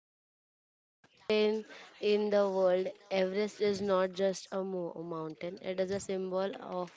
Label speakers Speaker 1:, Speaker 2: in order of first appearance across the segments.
Speaker 1: the highest mountain in the world. Everest is not just a mountain, it is a symbol of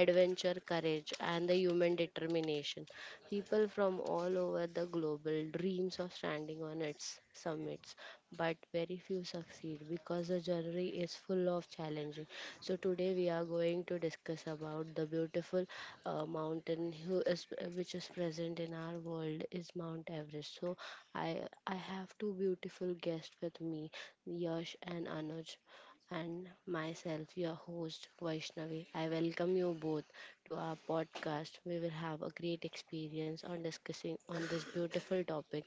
Speaker 1: adventure, courage, and the human determination. People from all over the global dreams of standing on its summits but very few succeed because the journey is full of challenging. So today we are going to discuss about the beautiful mountain which is present in our world is Mount Everest. So I I have two beautiful guests with me, Yash and Anuj. And myself, your host Vaishnavi. I welcome you both to our podcast. We will have a great experience on discussing on this beautiful topic.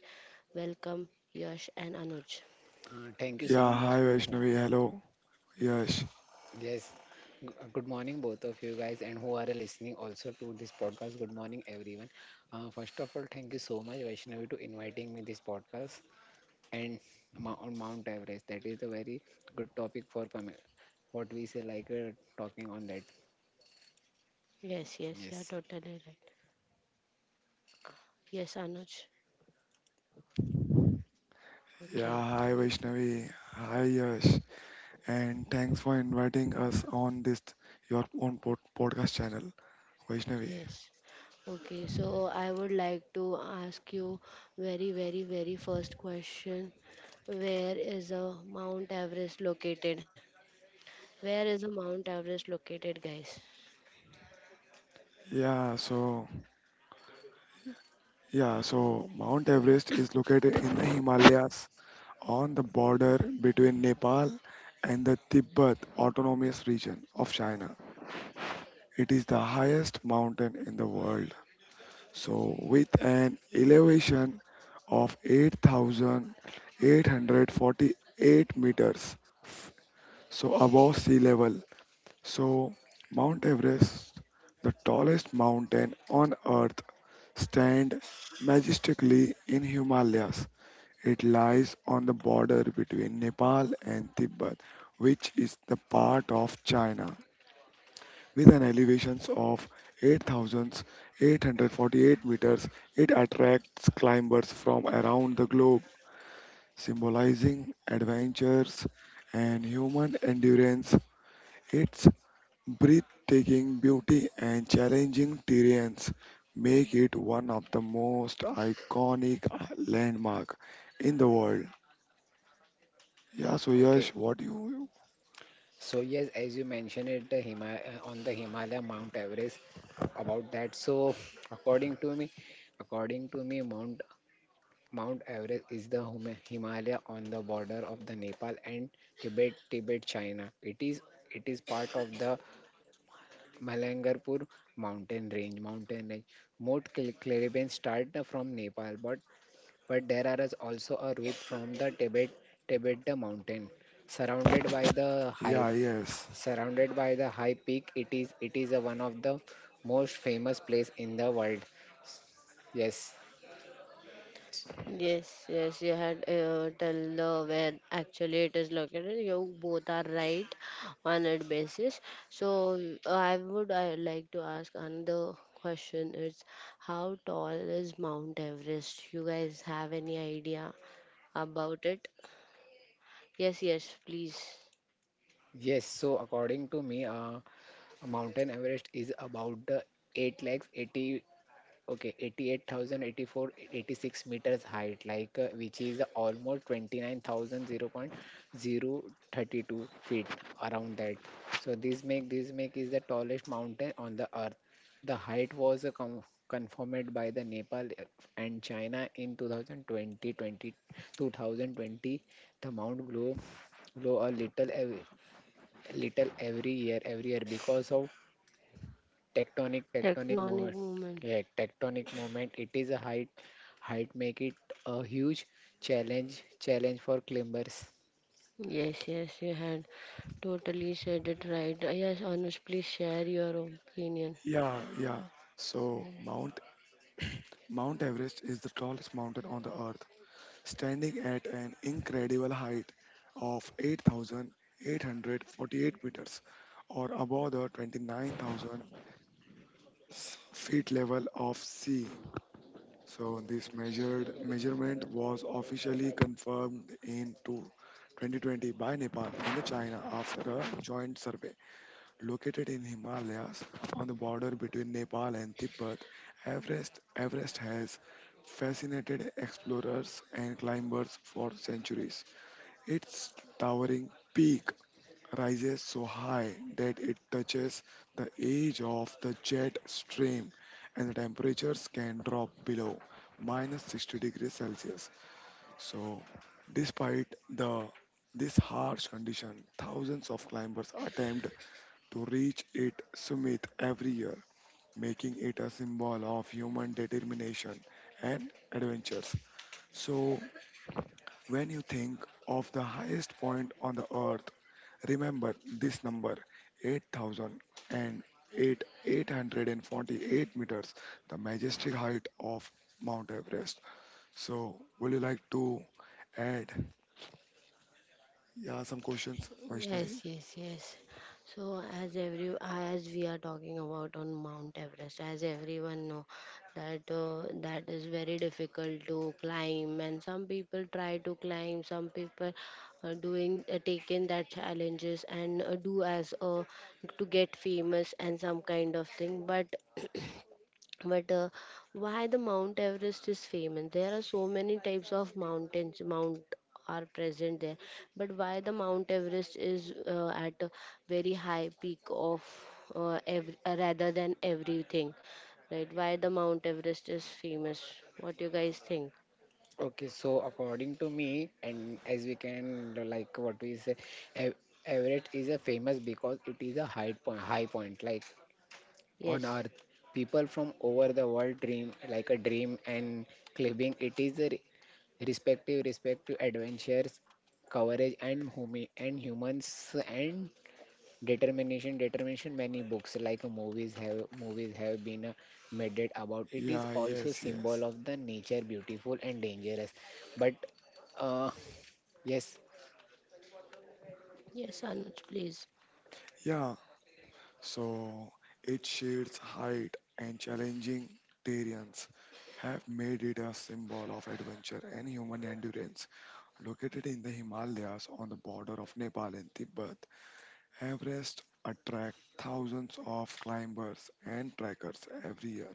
Speaker 1: Welcome, Yash and Anuj.
Speaker 2: Thank you
Speaker 3: Yeah,
Speaker 2: so
Speaker 3: hi
Speaker 2: much for
Speaker 3: Vaishnavi. Hello, Yash.
Speaker 2: yes. Good morning, both of you guys, and who are listening also to this podcast. Good morning, everyone. First of all, thank you so much, Vaishnavi, to inviting me this podcast and on Mount Everest. That is a very good topic for coming. What we say, talking on that.
Speaker 1: Yes, yes, you are
Speaker 2: Yes.
Speaker 1: totally right. Yes, Anuj.
Speaker 3: Yeah,
Speaker 1: Okay,
Speaker 3: hi Vaishnavi. Hi Yash. And thanks for inviting us on this your own podcast channel, Vaishnavi.
Speaker 1: yes. Okay, so I would like to ask you very first question. Where is a Mount Everest located? Where is a Mount Everest located, guys?
Speaker 3: Yeah, so yeah, so Mount Everest is located in the Himalayas on the border between Nepal and the Tibet Autonomous Region of China. It is the highest mountain in the world. So, with an elevation of 8,848 meters, f- so above sea level. So, Mount Everest, the tallest mountain on earth, stand majestically in Himalayas. It lies on the border between Nepal and Tibet, which is the part of China. With an elevation of 8,848 meters, it attracts climbers from around the globe, symbolizing adventures and human endurance. Its breathtaking beauty and challenging terrains make it one of the most iconic landmark in the world. Yeah, so Yash,
Speaker 2: Okay.
Speaker 3: what you?
Speaker 2: So yes, as you mentioned it, on the Himalaya, Mount Everest. About that, so according to me, according to me, Mount Everest is the Himalaya on the border of the Nepal and Tibet, China. It is part of the Malangarpur mountain range. Mountain range. Most caravans start from Nepal, but there are is also a route from the Tibet the mountain, surrounded by the high
Speaker 3: Yeah, yes.
Speaker 2: surrounded by the high peak. It is a one of the most famous place in the world. Yes,
Speaker 1: Yes, yes, you had tell the where actually it is located. You both are right on that basis. So I would I like to ask another question. It's how tall is Mount Everest? You guys have any idea about it? Yes, yes, please.
Speaker 2: yes. So according to me, Mountain Everest is about the 8 lakhs 80 okay 88,084 86 meters height like which is almost twenty nine thousand 0.032 feet around that. So this make is the tallest mountain on the earth. The height was confirmed by the Nepal and China in 2020 the Mount glow a little every year because of tectonic
Speaker 1: Tectonic
Speaker 2: moment.
Speaker 1: movement.
Speaker 2: Yeah Tectonic moment. It is a height make it a huge challenge for climbers.
Speaker 1: Yes, yes, you had totally said it right. Yes, honest, please share your opinion.
Speaker 3: Yeah, yeah. So Mount Everest is the tallest mountain on the earth, standing at an incredible height of 8,848 meters, or above the 29,000 feet level of sea. So this measured measurement was officially confirmed in 2020 by Nepal and China after a joint survey. Located in Himalayas on the border between Nepal and Tibet, Everest Everest has fascinated explorers and climbers for centuries. Its towering peak rises so high that it touches the edge of the jet stream, and the temperatures can drop below minus 60 degrees Celsius. So, despite the this harsh condition, thousands of climbers attempt to reach its summit every year, making it a symbol of human determination and adventures. So, when you think of the highest point on the earth, remember this number, 8,008, 848 meters, the majestic height of Mount Everest. So, would you like to add, yeah, some questions, Vaishnavi?
Speaker 1: Yes, yes, yes. So as every as we are talking about on Mount Everest, as everyone know that that is very difficult to climb, and some people try to climb, some people are doing taking that challenges and do as to get famous and some kind of thing, but but why the Mount Everest is famous, there are so many types of mountains mount are present there, but why the Mount Everest is at a very high peak of rather than everything, right? Why the Mount Everest is famous? What you guys think?
Speaker 2: Okay, so according to me, and as we can like what we say, Ev- Everett is a famous because it is a high point like on
Speaker 1: Yes.
Speaker 2: earth. People from over the world dream like a dream, and climbing it is a respective adventures coverage and humi and humans and determination. Many books like movies have been made it about. It is
Speaker 3: Yeah,
Speaker 2: also
Speaker 3: yes,
Speaker 2: symbol
Speaker 3: yes.
Speaker 2: of the nature, beautiful and dangerous. But uh yes.
Speaker 1: Yes, Anuj, please.
Speaker 3: Yeah, so its sheer height and challenging terrains have made it a symbol of adventure and human endurance. Located in the Himalayas on the border of Nepal and Tibet, Everest attracts thousands of climbers and trekkers every year,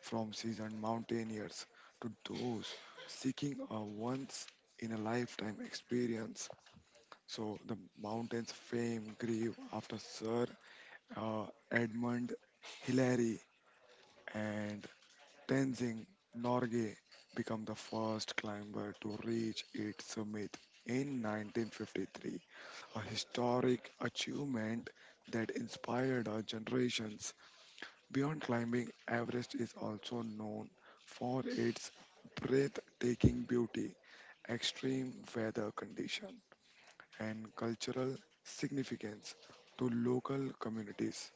Speaker 3: from seasoned mountaineers to those seeking a once in a lifetime experience. So the mountain's fame grew after Sir uh, Edmund Hillary and Tenzing Norgay become the first climber to reach its summit in 1953, a historic achievement that inspired our generations. Beyond climbing, Everest is also known for its breathtaking beauty, extreme weather conditions, and cultural significance to local communities.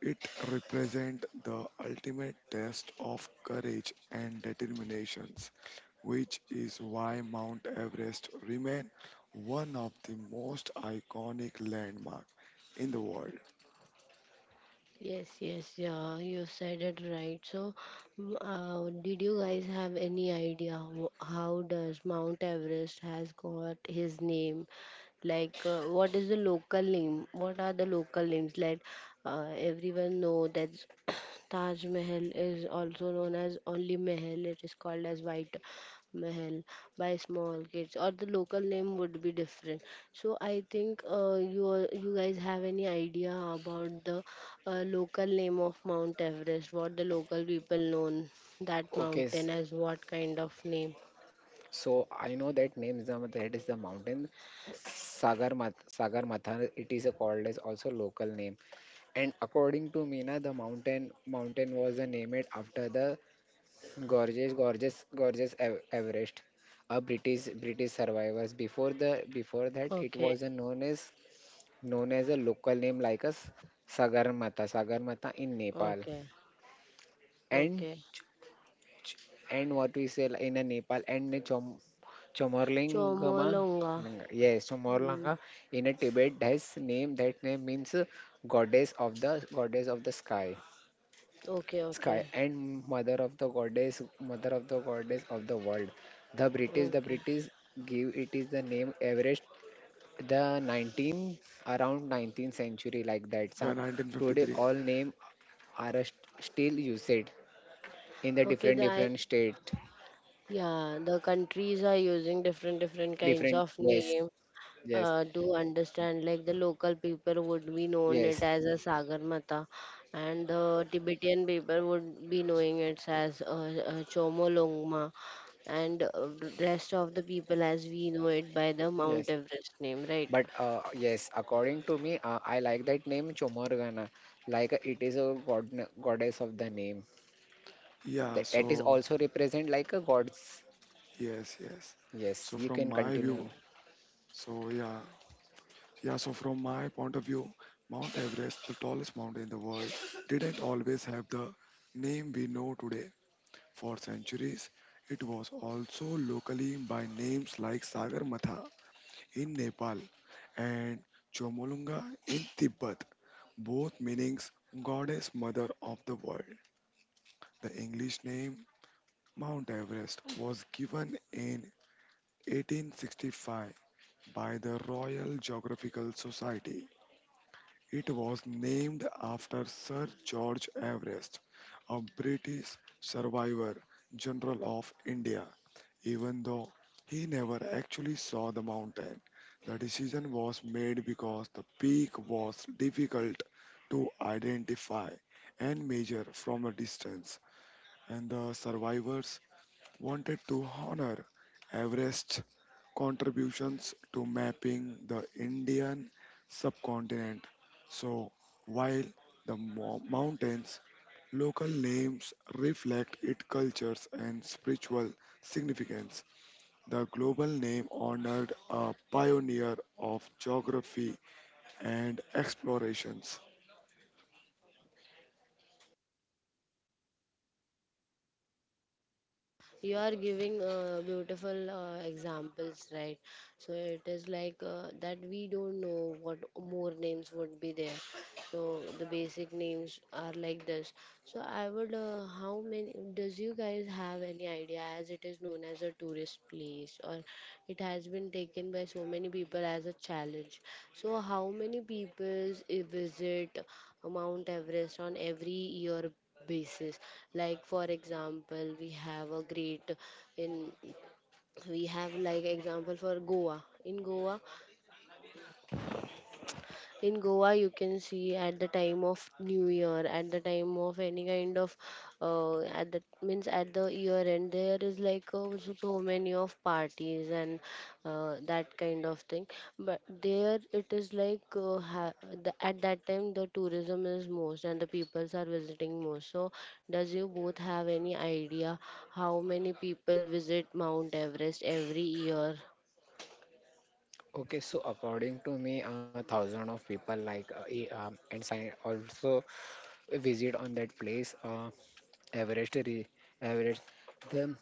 Speaker 3: It represents the ultimate test of courage and determinations, which is why Mount Everest remains one of the most iconic landmark in the world.
Speaker 1: Yes, yes, yeah, you said it right. So, did you guys have any idea how does Mount Everest has got his name? Like, what is the local name? What are the local names? Like, everyone know that Taj Mahal is also known as only Mahal. It is called as White Mahal by small kids, or the local name would be different. So I think you guys have any idea about the local name of Mount Everest? What the local people known that
Speaker 2: okay
Speaker 1: mountain
Speaker 2: s-
Speaker 1: as? What kind of name?
Speaker 2: so I know that name is that is the mountain sagar matha it is a called as also local name. And according to me, na, the mountain was named after the gorgeous Everest. A British survivors. Before that, it
Speaker 1: Okay,
Speaker 2: was a known as a local name like as Sagarmatha in Nepal.
Speaker 1: okay,
Speaker 2: And
Speaker 1: okay.
Speaker 2: and what we say in a Nepal and a Chomorlingama.
Speaker 1: Chomolonga.
Speaker 2: Yes,
Speaker 1: Mm,
Speaker 2: Chomorlanga in a Tibet. That's name. That name means goddess of the sky.
Speaker 1: okay,
Speaker 2: Sky,
Speaker 1: okay,
Speaker 2: and mother of the goddess of the world. The
Speaker 1: okay,
Speaker 2: British give it is the name Everest the 19 around 19th century like that so.
Speaker 3: Yeah,
Speaker 2: Today
Speaker 3: 1953.
Speaker 2: all name are still used in the
Speaker 1: okay.
Speaker 2: different state.
Speaker 1: Yeah, the countries are using different different kinds
Speaker 2: Different
Speaker 1: of
Speaker 2: Yes,
Speaker 1: name
Speaker 2: yes,
Speaker 1: to understand. Like the local people would be known it
Speaker 2: yes,
Speaker 1: as a Sagarmata, and the Tibetan people would be knowing it as Chomolungma, and rest of the people as we know it by the
Speaker 2: yes.
Speaker 1: Mount Everest name, right?
Speaker 2: but yes, according to me, I like that name Chomorgana. It is a goddess of the name.
Speaker 3: Yeah,
Speaker 2: That is
Speaker 3: so
Speaker 2: also represent like a gods.
Speaker 3: yes, yes.
Speaker 2: Yes,
Speaker 3: So
Speaker 2: you
Speaker 3: from
Speaker 2: can
Speaker 3: my
Speaker 2: continue
Speaker 3: view,
Speaker 2: on.
Speaker 3: so yeah, yeah. So from my point of view, Mount Everest, the tallest mountain in the world, didn't always have the name we know today. For centuries, it was also locally by names like Sagarmatha in Nepal and Chomolunga in Tibet, both meanings goddess mother of the world. The English name Mount Everest was given in 1865 by the Royal Geographical Society. It was named after Sir George Everest, a British survivor, General of India. Even though he never actually saw the mountain, the decision was made because the peak was difficult to identify and measure from a distance, and the survivors wanted to honor Everest's contributions to mapping the Indian subcontinent. So, while the mountains local names reflect its cultures and spiritual significance, the global name honored a pioneer of geography and explorations.
Speaker 1: You are giving beautiful examples, right? So it is like that we don't know what more names would be there, so the basic names are like this. So I would how many does you guys have any idea as it is known as a tourist place or it has been taken by so many people as a challenge? So how many people visit Mount Everest on every year basis? Like for example, we have a great in we have like example for Goa. In Goa you can see at the time of new year, at the time of any kind of at the means at the year end, there is like so many of parties and that kind of thing, but there it is like the, at that time the tourism is most and the peoples are visiting most. So does you both have any idea how many people visit Mount Everest every year?
Speaker 2: Okay, so according to me, thousand of people and sign also visit on that place. Everest, Everest. The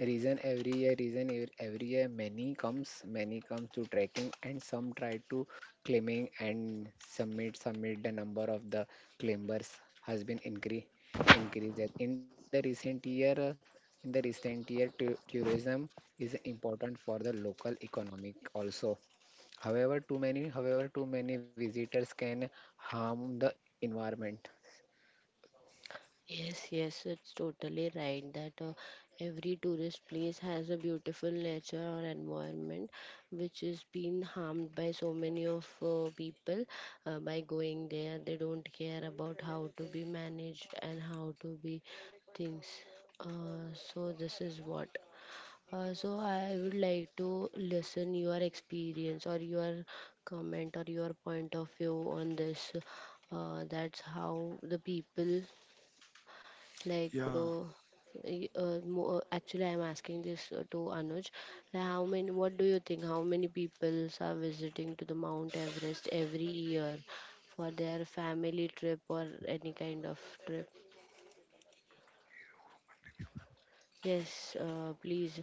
Speaker 2: reason every year, every year, many comes to trekking, and some try to climbing and submit. The number of the climbers has been increased. In the recent year, tourism is important for the local economic also. However, too many visitors can harm the environment.
Speaker 1: Yes, yes, it's totally right that every tourist place has a beautiful nature or environment which is being harmed by so many of people by going there. They don't care about how to be managed and how to be things. So this is what. So I would like to listen your experience or your comment or your point of view on this. That's how the people like,
Speaker 3: Yeah,
Speaker 1: actually, I'm asking this to Anuj. Like, how many? What do you think? How many people are visiting to the Mount Everest every year for their family trip or any kind of trip? Yes, please.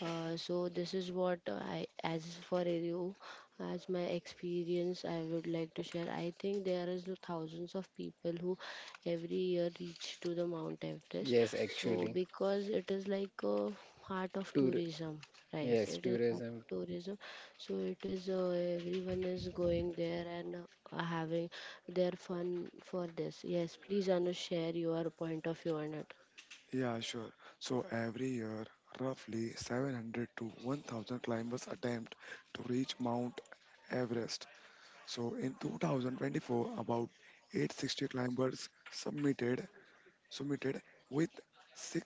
Speaker 1: So this is what I, as for you, as my experience, I would like to share. I think there is thousands of people who every year reach to the Mount Everest.
Speaker 2: Yes,
Speaker 1: So
Speaker 2: actually.
Speaker 1: because it is like a heart of tourism, right?
Speaker 2: Yes,
Speaker 1: It is a heart
Speaker 2: tourism.
Speaker 1: of tourism. So it is everyone is going there and having their fun for this. Yes, please, Anu, share your point of view on it.
Speaker 3: yeah, sure. So every year, roughly 700 to 1,000 climbers attempt to reach Mount Everest. So in 2024, about 860 climbers submitted, with 6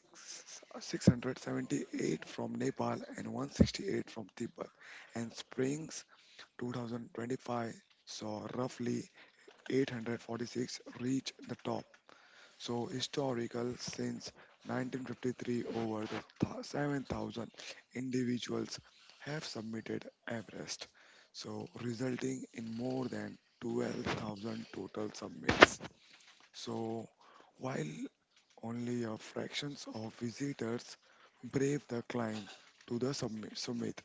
Speaker 3: 678 from Nepal and 168 from Tibet, and springs 2025 saw roughly 846 reach the top. So historical, since 1953, over the 7,000 individuals have submitted Everest. So resulting in more than 12,000 total submits. So while only a fractions of visitors brave the climb to the summit.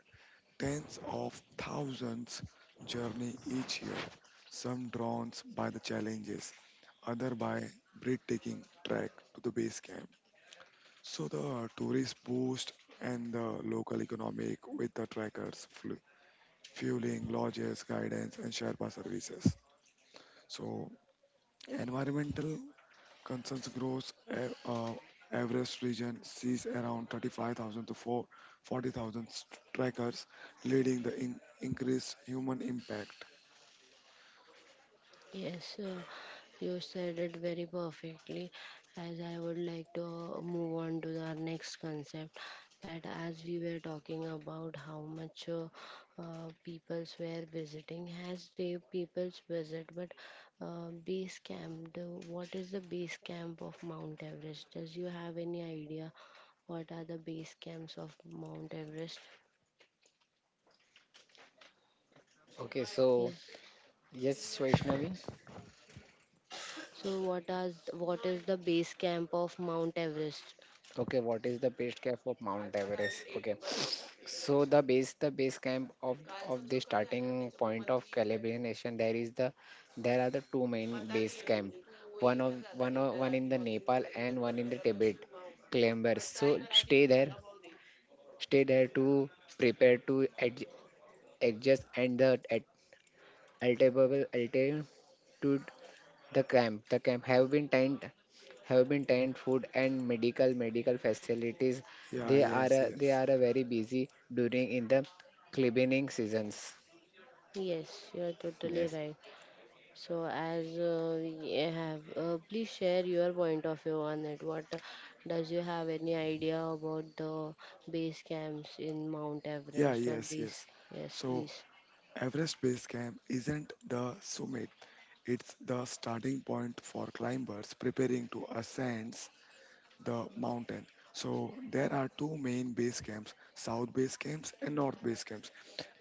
Speaker 3: Tens of thousands journey each year, some drawn by the challenges, other by breathtaking trek to the base camp. So the tourist boost and the local economic with the trekkers, fueling, lodges, guidance, and Sherpa services. So environmental concerns grows. Everest region sees around 35,000 to 4 40,000 trekkers, leading the increased human impact.
Speaker 1: Yes, you said it very perfectly. As I would like to move on to our next concept, that as we were talking about how much peoples were visiting, as they peoples visit, but base camp, the, what is the base camp of Mount Everest? Does you have any idea what are the base camps of Mount Everest?
Speaker 2: Okay, so
Speaker 1: Yes.
Speaker 2: yes, Vaishnavi.
Speaker 1: So what are what is the base camp of Mount Everest?
Speaker 2: Okay, what is the base camp of Mount Everest? Okay, so the base camp of the starting point of Caribbean Nation, there are the two main base camp. One in the Nepal and one in the Tibet. Climbers, so stay there to prepare to adjust and the at- altable alter to. The camp have been have been tent, food and medical facilities.
Speaker 3: Yeah, yes,
Speaker 2: They
Speaker 3: yes.
Speaker 2: are very busy during in the cleaning seasons.
Speaker 1: Yes, you're totally
Speaker 2: Yes,
Speaker 1: right. So, as we have, please share your point of view on it. What does you have any idea about the base camps in Mount
Speaker 3: Yeah,
Speaker 1: Everest or
Speaker 3: yes,
Speaker 1: base?
Speaker 3: yes.
Speaker 1: Yes,
Speaker 3: So,
Speaker 1: please.
Speaker 3: Everest Base Camp isn't the summit, it's the starting point for climbers preparing to ascend the mountain. So, there are two main base camps, South Base Camps and North Base Camps.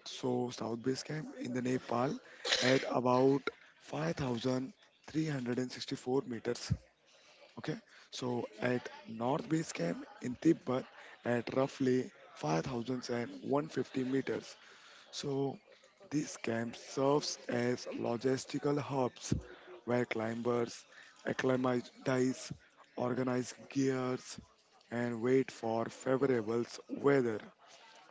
Speaker 3: So, South Base Camp in the Nepal at about 5,364 meters. Okay, so at North Base Camp in Tibet, at roughly 5,150 meters, so this camp serves as logistical hubs where climbers acclimatize, organize gears, and wait for favorable weather.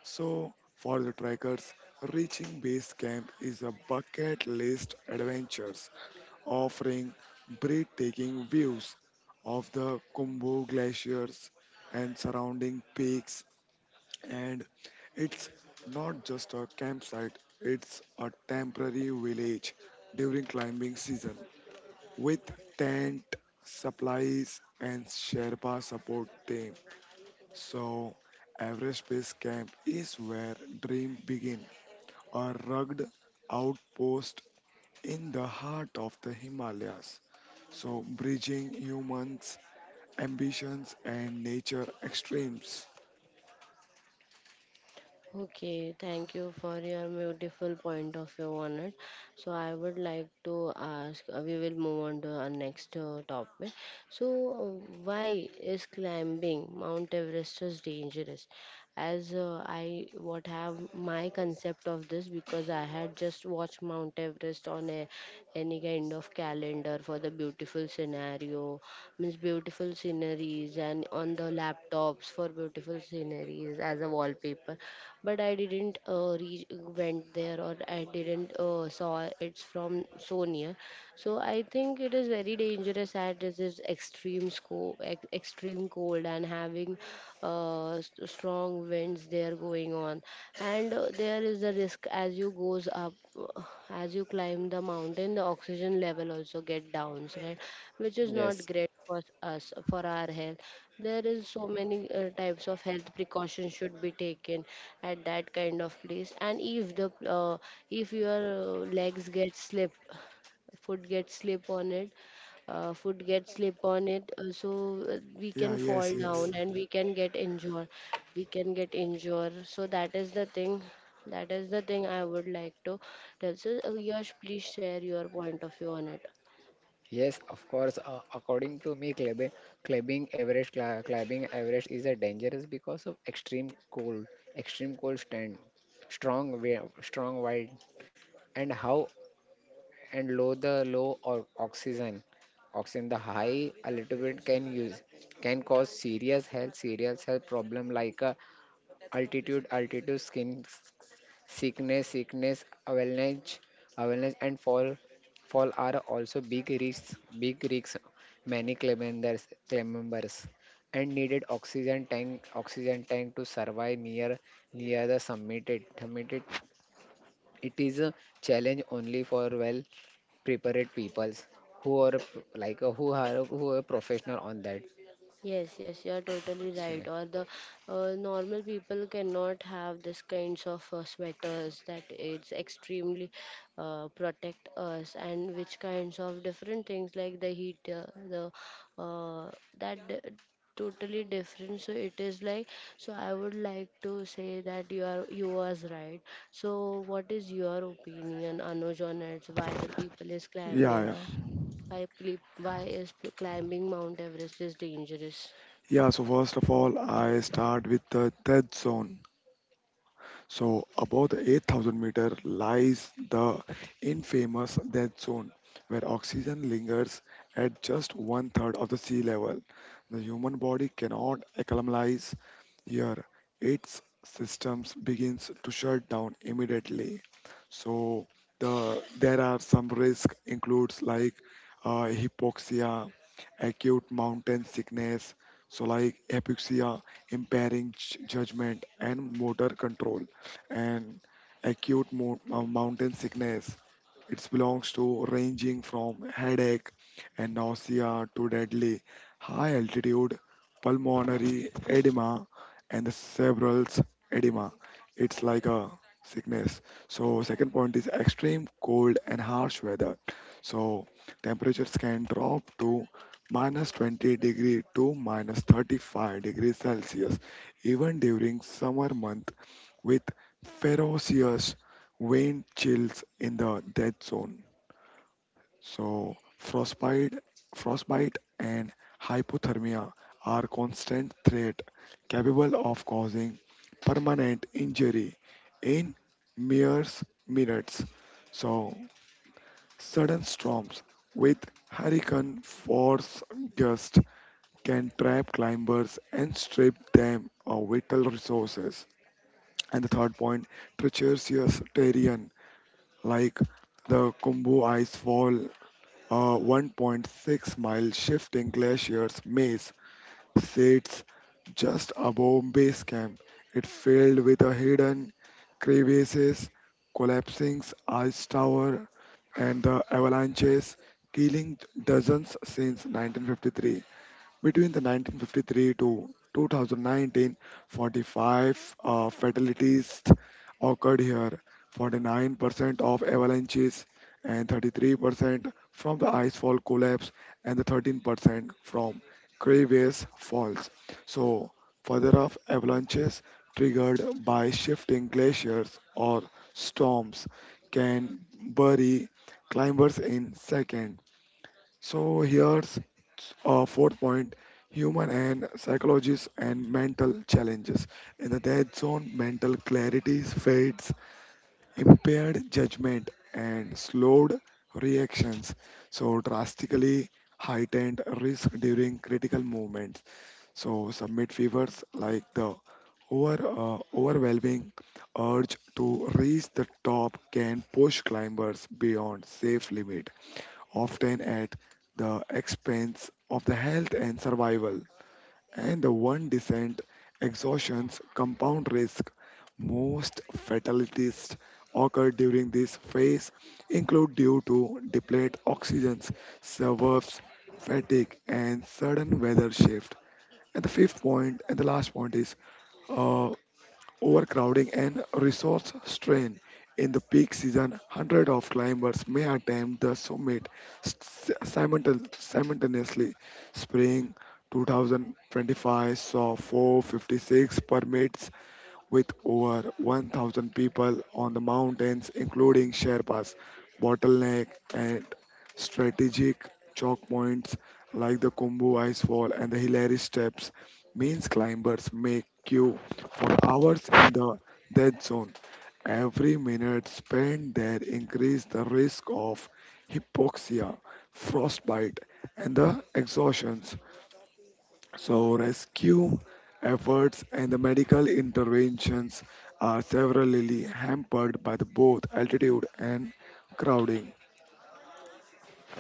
Speaker 3: So, for the trekkers, reaching base camp is a bucket list adventure, offering breathtaking views of the Kumbu glaciers and surrounding peaks. And it's not just a campsite, it's a temporary village during climbing season with tent, supplies, and Sherpa support team. So, Everest Base Camp is where dream begin, a rugged outpost in the heart of the Himalayas, so bridging humans' ambitions and nature extremes.
Speaker 1: Okay, thank you for your beautiful point of view on it. So I would like to ask, we will move on to our next topic. So why is climbing Mount Everest is dangerous? As I what have my concept of this because I had just watched Mount Everest on a any kind of calendar for the beautiful scenario, means beautiful sceneries and on the laptops for beautiful sceneries as a wallpaper, but I didn't went there or I didn't saw it's from so near. So I think it is very dangerous at this is extreme cold and having strong winds there going on, and there is the risk as you goes up, uh, as you climb the mountain, the oxygen level also get downs, right? Which is not
Speaker 2: yes,
Speaker 1: great for us, for our health. There is so many types of health precautions should be taken at that kind of place, and if the if your legs get slipped, food gets slip on it food gets slip on it, so we
Speaker 3: Yeah,
Speaker 1: can
Speaker 3: yes,
Speaker 1: fall
Speaker 3: yes.
Speaker 1: down and we can get injured, we can get injured. So that is the thing I would like to tell. So Yash, please share your point of view on it.
Speaker 2: yes. Of course, according to me, clubbing average is a dangerous because of extreme cold stand, strong wind, and how and low the low or oxygen the high a little bit can use can cause serious health problem like altitude skin sickness, avalanche avalanche and fall are also big risks, many claim members claim members, and needed oxygen tank to survive near the it is a challenge only for well prepared peoples who are professional on that.
Speaker 1: Yes, yes, you are totally
Speaker 2: So,
Speaker 1: right. Or the normal people cannot have this kinds of sweaters that it's extremely protect us, and which kinds of different things like the heat, the uh, that d- totally different. So it is like so. I would like to say that you are you was right. So what is your opinion, Anuj, on it? Why the people is
Speaker 3: Yeah,
Speaker 1: climbing?
Speaker 3: yeah.
Speaker 1: Why why is climbing Mount Everest is dangerous?
Speaker 3: Yeah, so first of all, I start with the death zone. So, above the 8,000 meter lies the infamous death zone, where oxygen lingers at just one third of the sea level. The human body cannot acclimatize. Here, its systems begins to shut down immediately. So there are some risk includes, like hypoxia, acute mountain sickness. So like hypoxia impairing judgment and motor control, and acute mountain sickness, it belongs to ranging from headache and nausea to deadly high altitude pulmonary edema and the cerebral edema. It's like a sickness. So second point is extreme cold and harsh weather. So temperatures can drop to minus 20 degree to minus 35 degrees Celsius, even during summer months, with ferocious wind chills in the death zone. So frostbite and hypothermia are constant threat, capable of causing permanent injury in mere minutes. So sudden storms with hurricane force gusts can trap climbers and strip them of vital resources. And the third point, treacherous terrain, like the Kumbu Ice Fall, a 1.6-mile shifting glacier's maze sits just above base camp. It filled with a hidden crevasses, collapsing ice tower, and the avalanches, killing dozens since 1953. Between the 1953 to 2019, 45 fatalities occurred here, 49% of avalanches and 33% from the icefall collapse and the 13% from crevasse falls. So, further off avalanches triggered by shifting glaciers or storms can bury climbers in seconds. So here's a fourth point, human and psychologists and mental challenges. In the dead zone, mental clarity fades, impaired judgment, and slowed reactions. So drastically heightened risk during critical movements. So submit fevers like the overwhelming urge to reach the top can push climbers beyond safe limit, often at the expense of the health and survival. And the one descent, exhaustions compound risk. Most fatalities occur during this phase, include due to depleted oxygen servers, fatigue, and sudden weather shift. And the fifth point and the last point is uh, overcrowding and resource strain. In the peak season, hundreds of climbers may attempt the summit s- simultaneously. Spring 2025 saw 456 permits with over 1,000 people on the mountains, including Sherpas. Bottleneck and strategic choke points like the Kumbu Icefall and the Hilary Steps means climbers make queue for hours in the dead zone. Every minute spent there increase the risk of hypoxia, frostbite, and the exhaustion. So, rescue efforts and the medical interventions are severely hampered by the both altitude and crowding.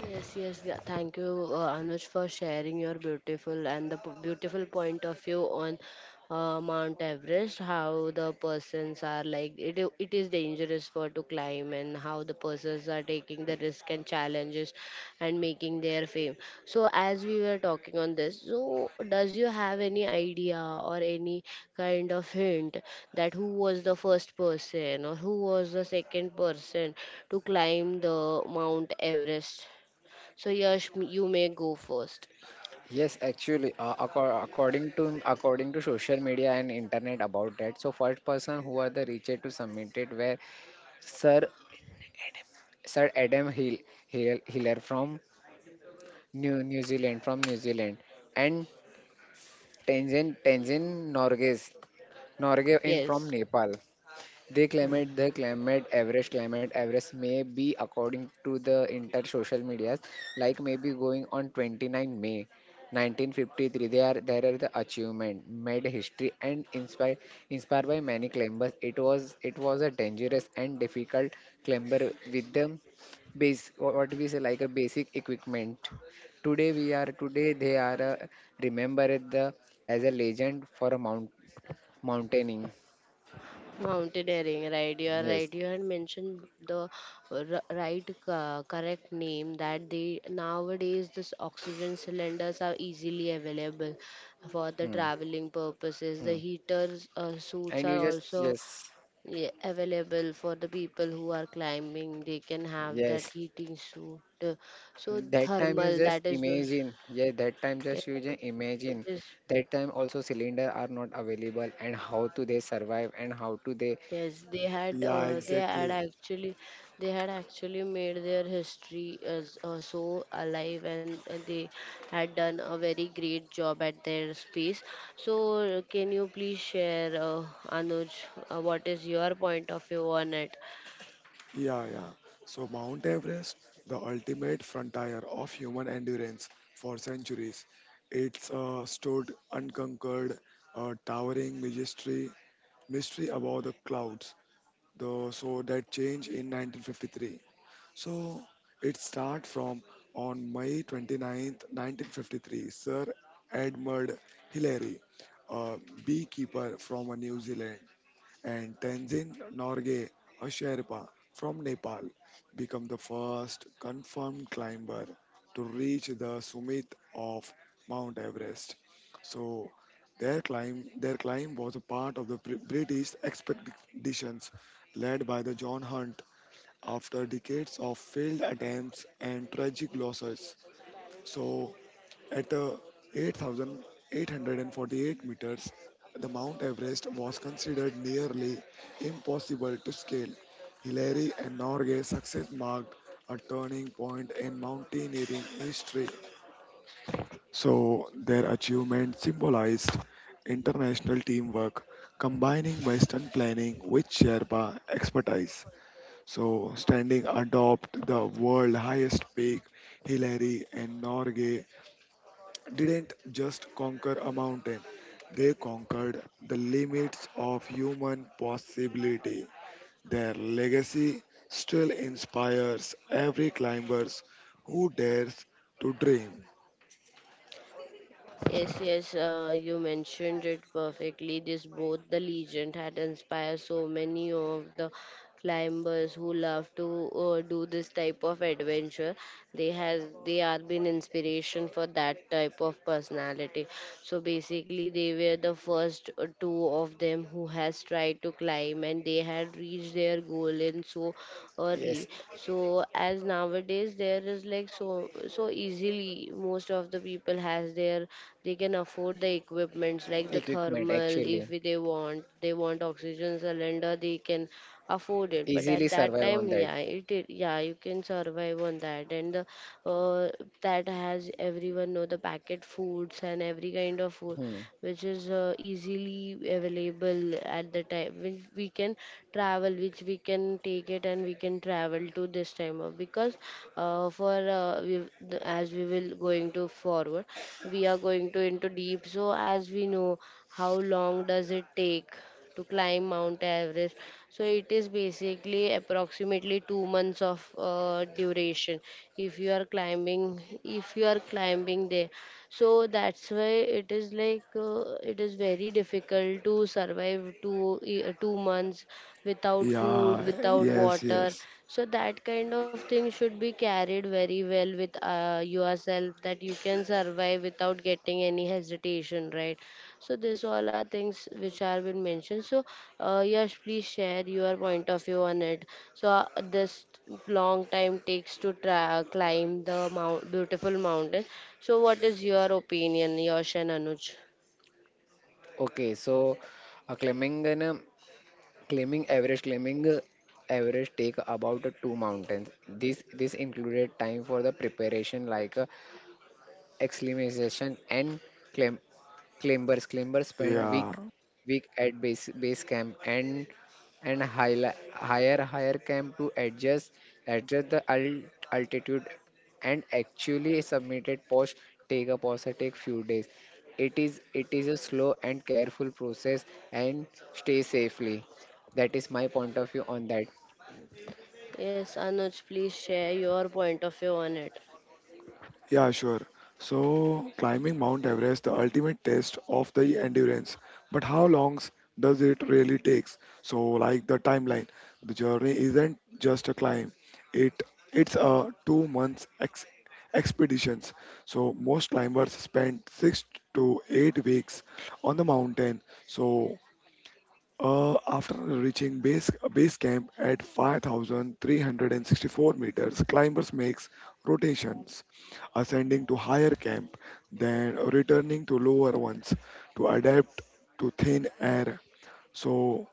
Speaker 1: Yes, yes. Thank you, Anuj, for sharing your beautiful and the beautiful point of view on Mount Everest. How the persons are like it. It is dangerous for to climb, and how the persons are taking the risk and challenges, and making their fame. So, as we were talking on this, so does you have any idea or any kind of hint that who was the first person or who was the second person to climb the Mount Everest? So, Yash, you may go first.
Speaker 2: yes, actually, according to social media and internet about that. So first person who are the reached to submit it were Sir Sir Adam Hiller from New Zealand and Tenzin Norge in from
Speaker 1: Yes.
Speaker 2: Nepal.
Speaker 1: Yeah.
Speaker 2: The climate, average may be according to the inter social medias, like maybe going on 29 May 1953. They are there are the achievement made history and inspired by many climbers. It was a dangerous and difficult climber with the what we say like a basic equipment. Today they are remembered the as a legend for a mountaining.
Speaker 1: Mountaineering, right? You are
Speaker 2: Yes.
Speaker 1: right. You had mentioned the right, correct name that they nowadays this oxygen cylinders are easily available for the
Speaker 2: Hmm.
Speaker 1: traveling purposes. The
Speaker 2: Hmm.
Speaker 1: heaters suits
Speaker 2: And you
Speaker 1: are
Speaker 2: just.
Speaker 1: also
Speaker 2: yes.
Speaker 1: yeah, available for the people who are climbing. They can have that
Speaker 2: Yes,
Speaker 1: heating suit. So
Speaker 2: that time you
Speaker 1: thermal,
Speaker 2: just imagine. Yeah, that time
Speaker 1: yeah,
Speaker 2: just you just
Speaker 1: it
Speaker 2: imagine.
Speaker 1: is.
Speaker 2: That time also cylinder are not available, and how do they survive, and how do they.
Speaker 1: Yes, they had
Speaker 3: Yeah, exactly.
Speaker 1: they had actually made their history as so alive, and they had done a very great job at their space. So can you please share Anuj, what is your point of view on it?
Speaker 3: Yeah, yeah. So Mount Everest, the ultimate frontier of human endurance for centuries, it's stood unconquered, towering majesty, mystery above the clouds. The so that change in 1953. So it starts from on May 29th, 1953, Sir Edmund Hillary, a beekeeper from New Zealand, and Tenzin Norgay, a Sherpa from Nepal, become the first confirmed climber to reach the summit of Mount Everest. So their climb was a part of the British expeditions led by the John Hunt, after decades of failed attempts and tragic losses. So, at 8,848 meters, the Mount Everest was considered nearly impossible to scale. Hillary and Norgay's success marked a turning point in mountaineering history. So, their achievement symbolized international teamwork, combining Western planning with Sherpa expertise. So, standing atop the world's highest peak, Hillary and Norgay didn't just conquer a mountain, they conquered the limits of human possibility. Their legacy still inspires every climbers who dares to dream.
Speaker 1: Yes, yes, you mentioned it perfectly. This both the legend had inspired so many of the climbers who love to do this type of adventure. They has they are been inspiration for that type of personality. So basically, they were the first two of them who has tried to climb, and they had reached their goal in so
Speaker 2: Yes.
Speaker 1: early. So as nowadays there is like so easily most of the people has their they can afford the equipments like the
Speaker 2: Equipment
Speaker 1: thermal. If
Speaker 2: actually.
Speaker 1: they want they want oxygen cylinder they can afford it, but
Speaker 2: Easily
Speaker 1: at that
Speaker 2: survive
Speaker 1: time
Speaker 2: on that.
Speaker 1: yeah it yeah you can survive on that. And that has everyone know the packet foods and every kind of food
Speaker 2: Hmm.
Speaker 1: which is easily available at the time, which we can travel, which we can take it and we can travel to this time of because uh, for uh, we, as we will going to forward we are going to into deep. So as we know how long does it take to climb Mount Everest? So it is basically approximately 2 months of duration if you are climbing there. So that's why it is like it is very difficult to survive 2 months without
Speaker 3: Yeah,
Speaker 1: food, without
Speaker 3: yes,
Speaker 1: water.
Speaker 3: yes,
Speaker 1: So that kind of thing should be carried very well with yourself that you can survive without getting any hesitation, right? So these all are things which are been mentioned. So Yash, please share your point of view on it. So this long time takes to climb the beautiful mountain. So what is your opinion, Yash and Anuj?
Speaker 2: Okay, so uh, climbing and um, climbing average take about two mountains. This included time for the preparation like acclimatization and climb. Climbers spend
Speaker 3: yeah.
Speaker 2: week at base camp, and higher camp to adjust the altitude, and actually submitted post take a pause take few days. It is a slow and careful process and stay safely. That is my point of view on that.
Speaker 1: Yes, Anuj, please share your point of view on it.
Speaker 3: Yeah, sure. So, climbing Mount Everest, the ultimate test of the endurance. But how long does it really takes? So, like the timeline, the journey isn't just a climb. It it's a 2 months expeditions. So, most climbers spend 6 to 8 weeks on the mountain. So, after reaching base camp at 5,364 meters, climbers makes rotations, ascending to higher camp, then returning to lower ones to adapt to thin air. So,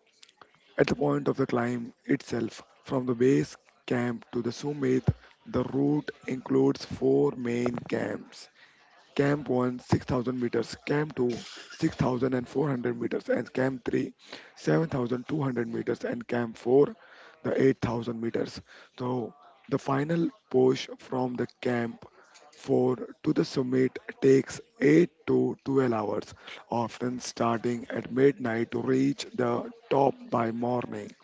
Speaker 3: at the point of the climb itself, from the base camp to the summit, the route includes four main camps: Camp 1, 6,000 meters; Camp 2, 6,400 meters; and Camp 3, 7,200 meters; and Camp 4, the 8,000 meters. So the final push from the Camp 4 to the summit takes 8 to 12 hours, often starting at midnight to reach the top by morning.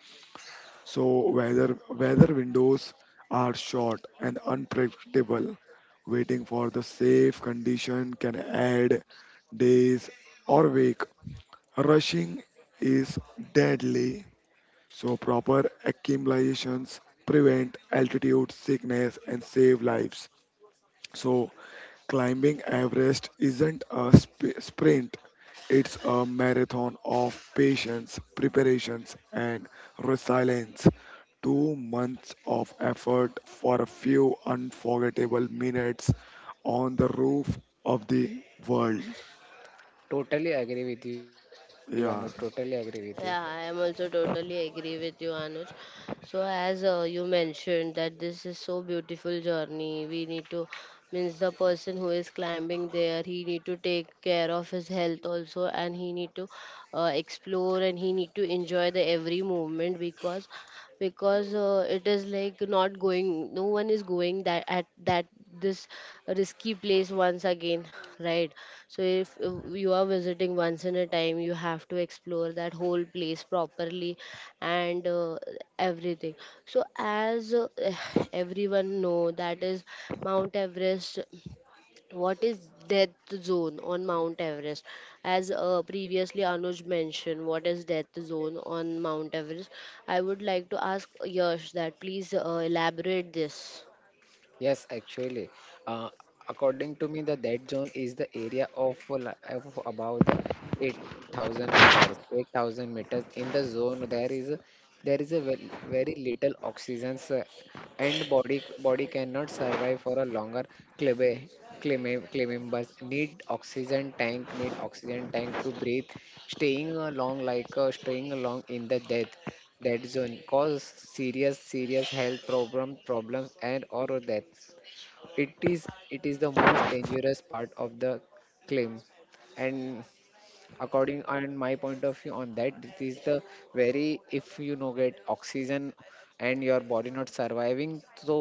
Speaker 3: So weather windows are short and unpredictable. Waiting for the safe condition can add days or week. Rushing is deadly, so proper acclimations prevent altitude sickness and save lives. So climbing Everest isn't a sprint, it's a marathon of patience, preparations and resilience. 2 months of effort for a few unforgettable minutes on the roof of the world.
Speaker 2: Totally agree with you, Anu. Totally agree
Speaker 3: Yeah,
Speaker 2: with you.
Speaker 1: Yeah, I am also totally agree with you, Anuj. So as you mentioned that this is so beautiful journey. We need to means the person who is climbing there, he need to take care of his health also, and he need to explore and he need to enjoy the every moment, because it is like not going no one is going that at that this risky place once again, right? So if you are visiting once in a time you have to explore that whole place properly and everything. So as everyone know that is Mount Everest. What is death zone on Mount Everest? As previously Anuj mentioned, what is death zone on Mount Everest? I would like to ask Yash that please elaborate this.
Speaker 2: Yes, actually, uh, according to me, the dead zone is the area of, of above the 8,000 meters. 8,000 meters in the zone, there is a ve- very little oxygen, and body cannot survive for a longer climbing. Climbers need oxygen tank to breathe. Staying along in the death dead zone, cause serious health problems and or death. It is the most dangerous part of the claim, and according on my point of view on that, it is the very. If you no get oxygen and your body not surviving, so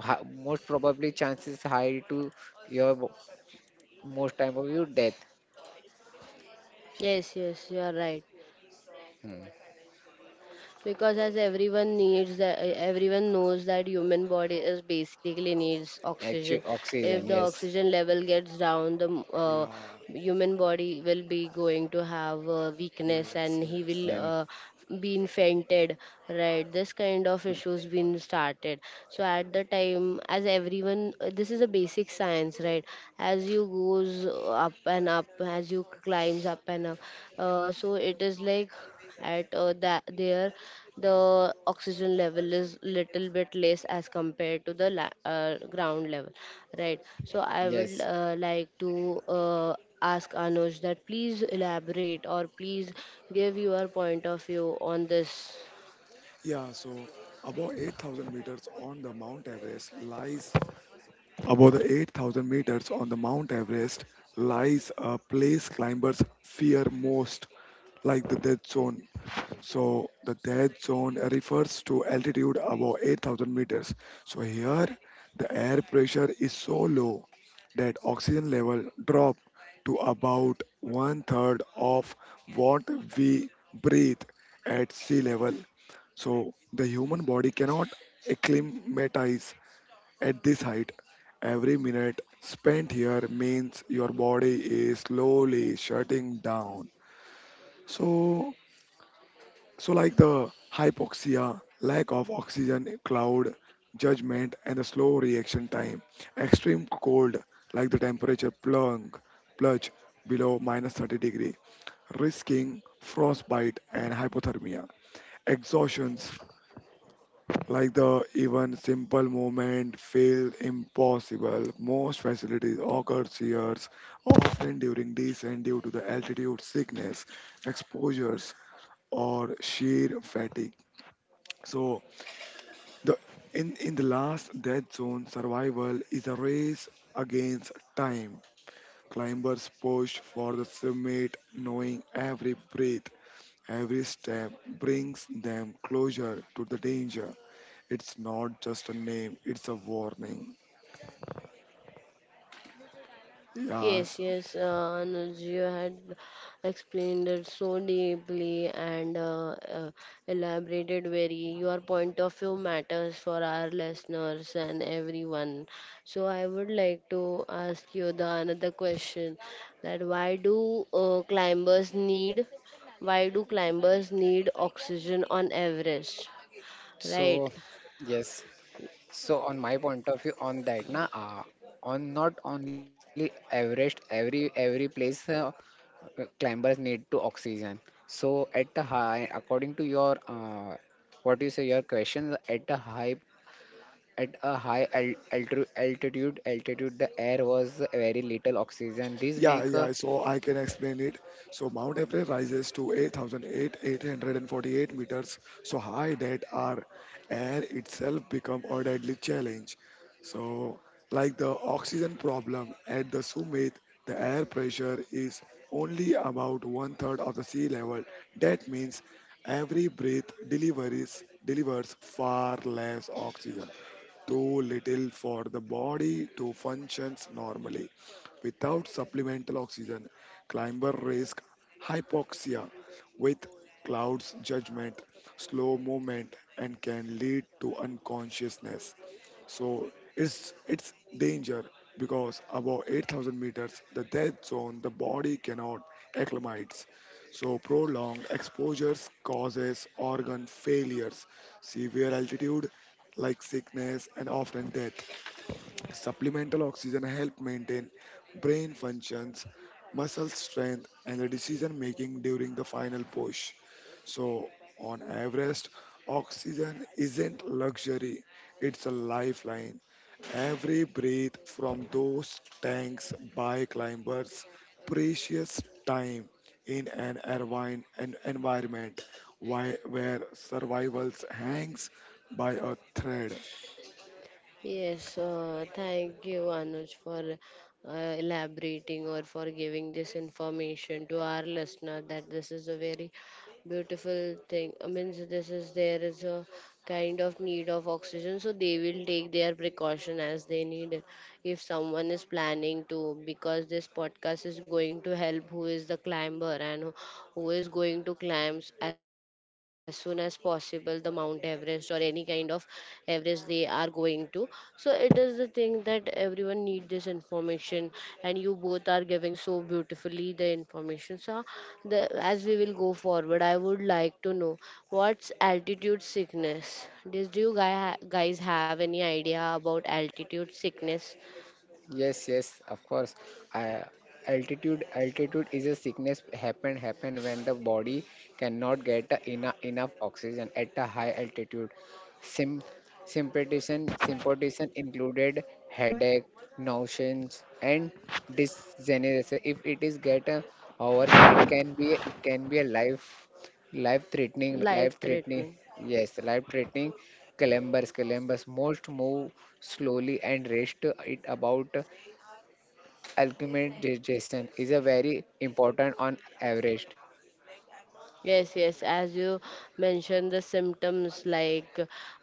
Speaker 2: most probably chances high to your bo- most time of your death.
Speaker 1: Yes, yes, you are right,
Speaker 2: Hmm.
Speaker 1: because as everyone needs that everyone knows that human body is basically needs oxygen.
Speaker 2: Actually,
Speaker 1: If
Speaker 2: oxygen,
Speaker 1: the
Speaker 2: yes.
Speaker 1: oxygen level gets down the
Speaker 3: yeah.
Speaker 1: human body will be going to have weakness,
Speaker 3: Yes,
Speaker 1: and he
Speaker 3: yes.
Speaker 1: will
Speaker 2: And
Speaker 1: been fainted, right? This kind of issues been started. So at the time as everyone this is a basic science, right? As you goes up and up, as you climbs up and up, so it is like at that there the oxygen level is little bit less as compared to the ground level, right? So I would
Speaker 2: yes.
Speaker 1: like to uh, ask Anuj that please elaborate or please give your point of view on this.
Speaker 3: Yeah, so above 8,000 meters on the Mount Everest lies, above the 8,000 meters on the Mount Everest lies a place climbers fear most, like the death zone. So the death zone refers to altitude above 8,000 meters. So here, the air pressure is so low that oxygen level drop to about one third of what we breathe at sea level. So the human body cannot acclimatize at this height. Every minute spent here means your body is slowly shutting down. So like the hypoxia, lack of oxygen, cloud, judgment and the slow reaction time. Extreme cold, like the temperature plunge below minus 30 degree, risking frostbite and hypothermia. Exhaustion, like the even simple movement feels impossible. Most facilities occur years, often during descent due to the altitude sickness, exposures, or sheer fatigue. So the in the last death zone, survival is a race against time. Climbers push for the summit, knowing every breath, every step brings them closer to the danger. It's not just a name, it's a warning.
Speaker 1: Yes,
Speaker 3: Yes.
Speaker 1: yes, Anuj, you had explained it so deeply and elaborated very. Your point of view matters for our listeners and everyone. So I would like to ask you the another question: that why do climbers need? Why do climbers need oxygen on Everest? Right.
Speaker 2: So, yes. So, on my point of view on that, na, on not only Everest, every place. Climbers need to oxygen, so at the high according to your what you say your questions at a high altitude. The air was very little oxygen this
Speaker 3: Yeah,
Speaker 2: make a.
Speaker 3: yeah. So I can explain it. So Mount Everest rises to 8,848 meters, so high that our air itself become a deadly challenge. So like the oxygen problem at the summit, the air pressure is only about one third of the sea level. That means every breath delivers far less oxygen, too little for the body to functions normally. Without supplemental oxygen, climber risk hypoxia with clouds judgment, slow movement, and can lead to unconsciousness. So it's danger because above 8,000 meters, the death zone, the body cannot acclimatize. So prolonged exposures causes organ failures, severe altitude like sickness and often death. Supplemental oxygen help maintain brain functions, muscle strength, and the decision making during the final push. So on Everest, oxygen isn't luxury; it's a lifeline. Every breath from those tanks by climbers, precious time in an irvine an environment, why, where survival hangs by a thread.
Speaker 1: Yes, thank you, Anuj, for elaborating or for giving this information to our listener that this is a very beautiful thing. I mean, so this is there is a kind of need of oxygen, so they will take their precaution as they need it. If someone is planning to, because this podcast is going to help who is the climber and who is going to climb as soon as possible the Mount Everest or any kind of Everest they are going to. So it is the thing that everyone need this information, and you both are giving so beautifully the information. So the, as we will go forward I would like to know what's altitude sickness. Does do you guys have any idea about altitude sickness?
Speaker 2: Yes, yes, of course. I, altitude is a sickness happen when the body cannot get a enough oxygen at a high altitude. Sim symptoms symptoms included headache, nauseous, and dysgenesis. If it is get a hours, it can be a life threatening.
Speaker 1: Life threatening.
Speaker 2: Yes, life threatening. Columbus most move slowly and rest it. About alchemization is a very important on average.
Speaker 1: Yes, yes, as you mentioned the symptoms like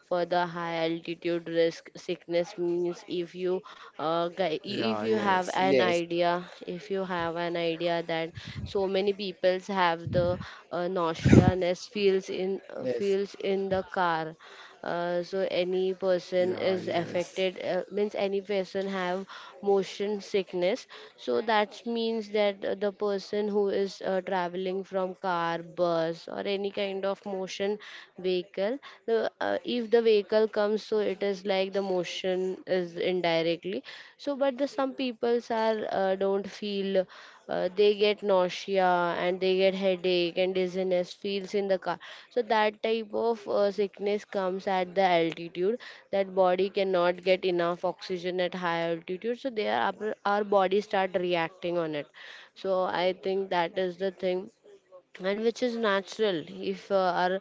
Speaker 1: for the high altitude risk sickness means if you if
Speaker 3: Yeah,
Speaker 1: you have
Speaker 3: yes.
Speaker 1: an
Speaker 2: Yes,
Speaker 1: idea, if you have an idea that so many peoples have the nauseousness
Speaker 2: yes.
Speaker 1: feels in the car. Uh, so any person
Speaker 3: Yeah,
Speaker 1: is
Speaker 3: yes.
Speaker 1: affected means any person have motion sickness. So that means that the person who is traveling from car, bus or any kind of motion vehicle, if the vehicle comes, so it is like the motion is in directly. So but the some peoples are don't feel they get nausea, and they get headache and dizziness feels in the car. So that type of sickness comes at the altitude that body cannot get enough oxygen at high altitude, so there our body start reacting on it. So I think that is the thing, and which is natural. If our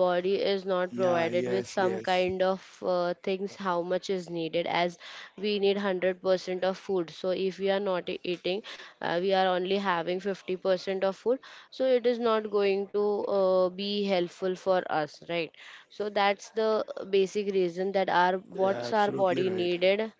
Speaker 1: body is not
Speaker 3: Yeah,
Speaker 1: provided with
Speaker 3: yes,
Speaker 1: some
Speaker 3: yes.
Speaker 1: kind of things how much is needed, as we need 100% of food. So if we are not eating we are only having 50% of food, so it is not going to be helpful for us, right? So that's the basic reason that our
Speaker 3: Yeah,
Speaker 1: what's our
Speaker 3: absolutely right.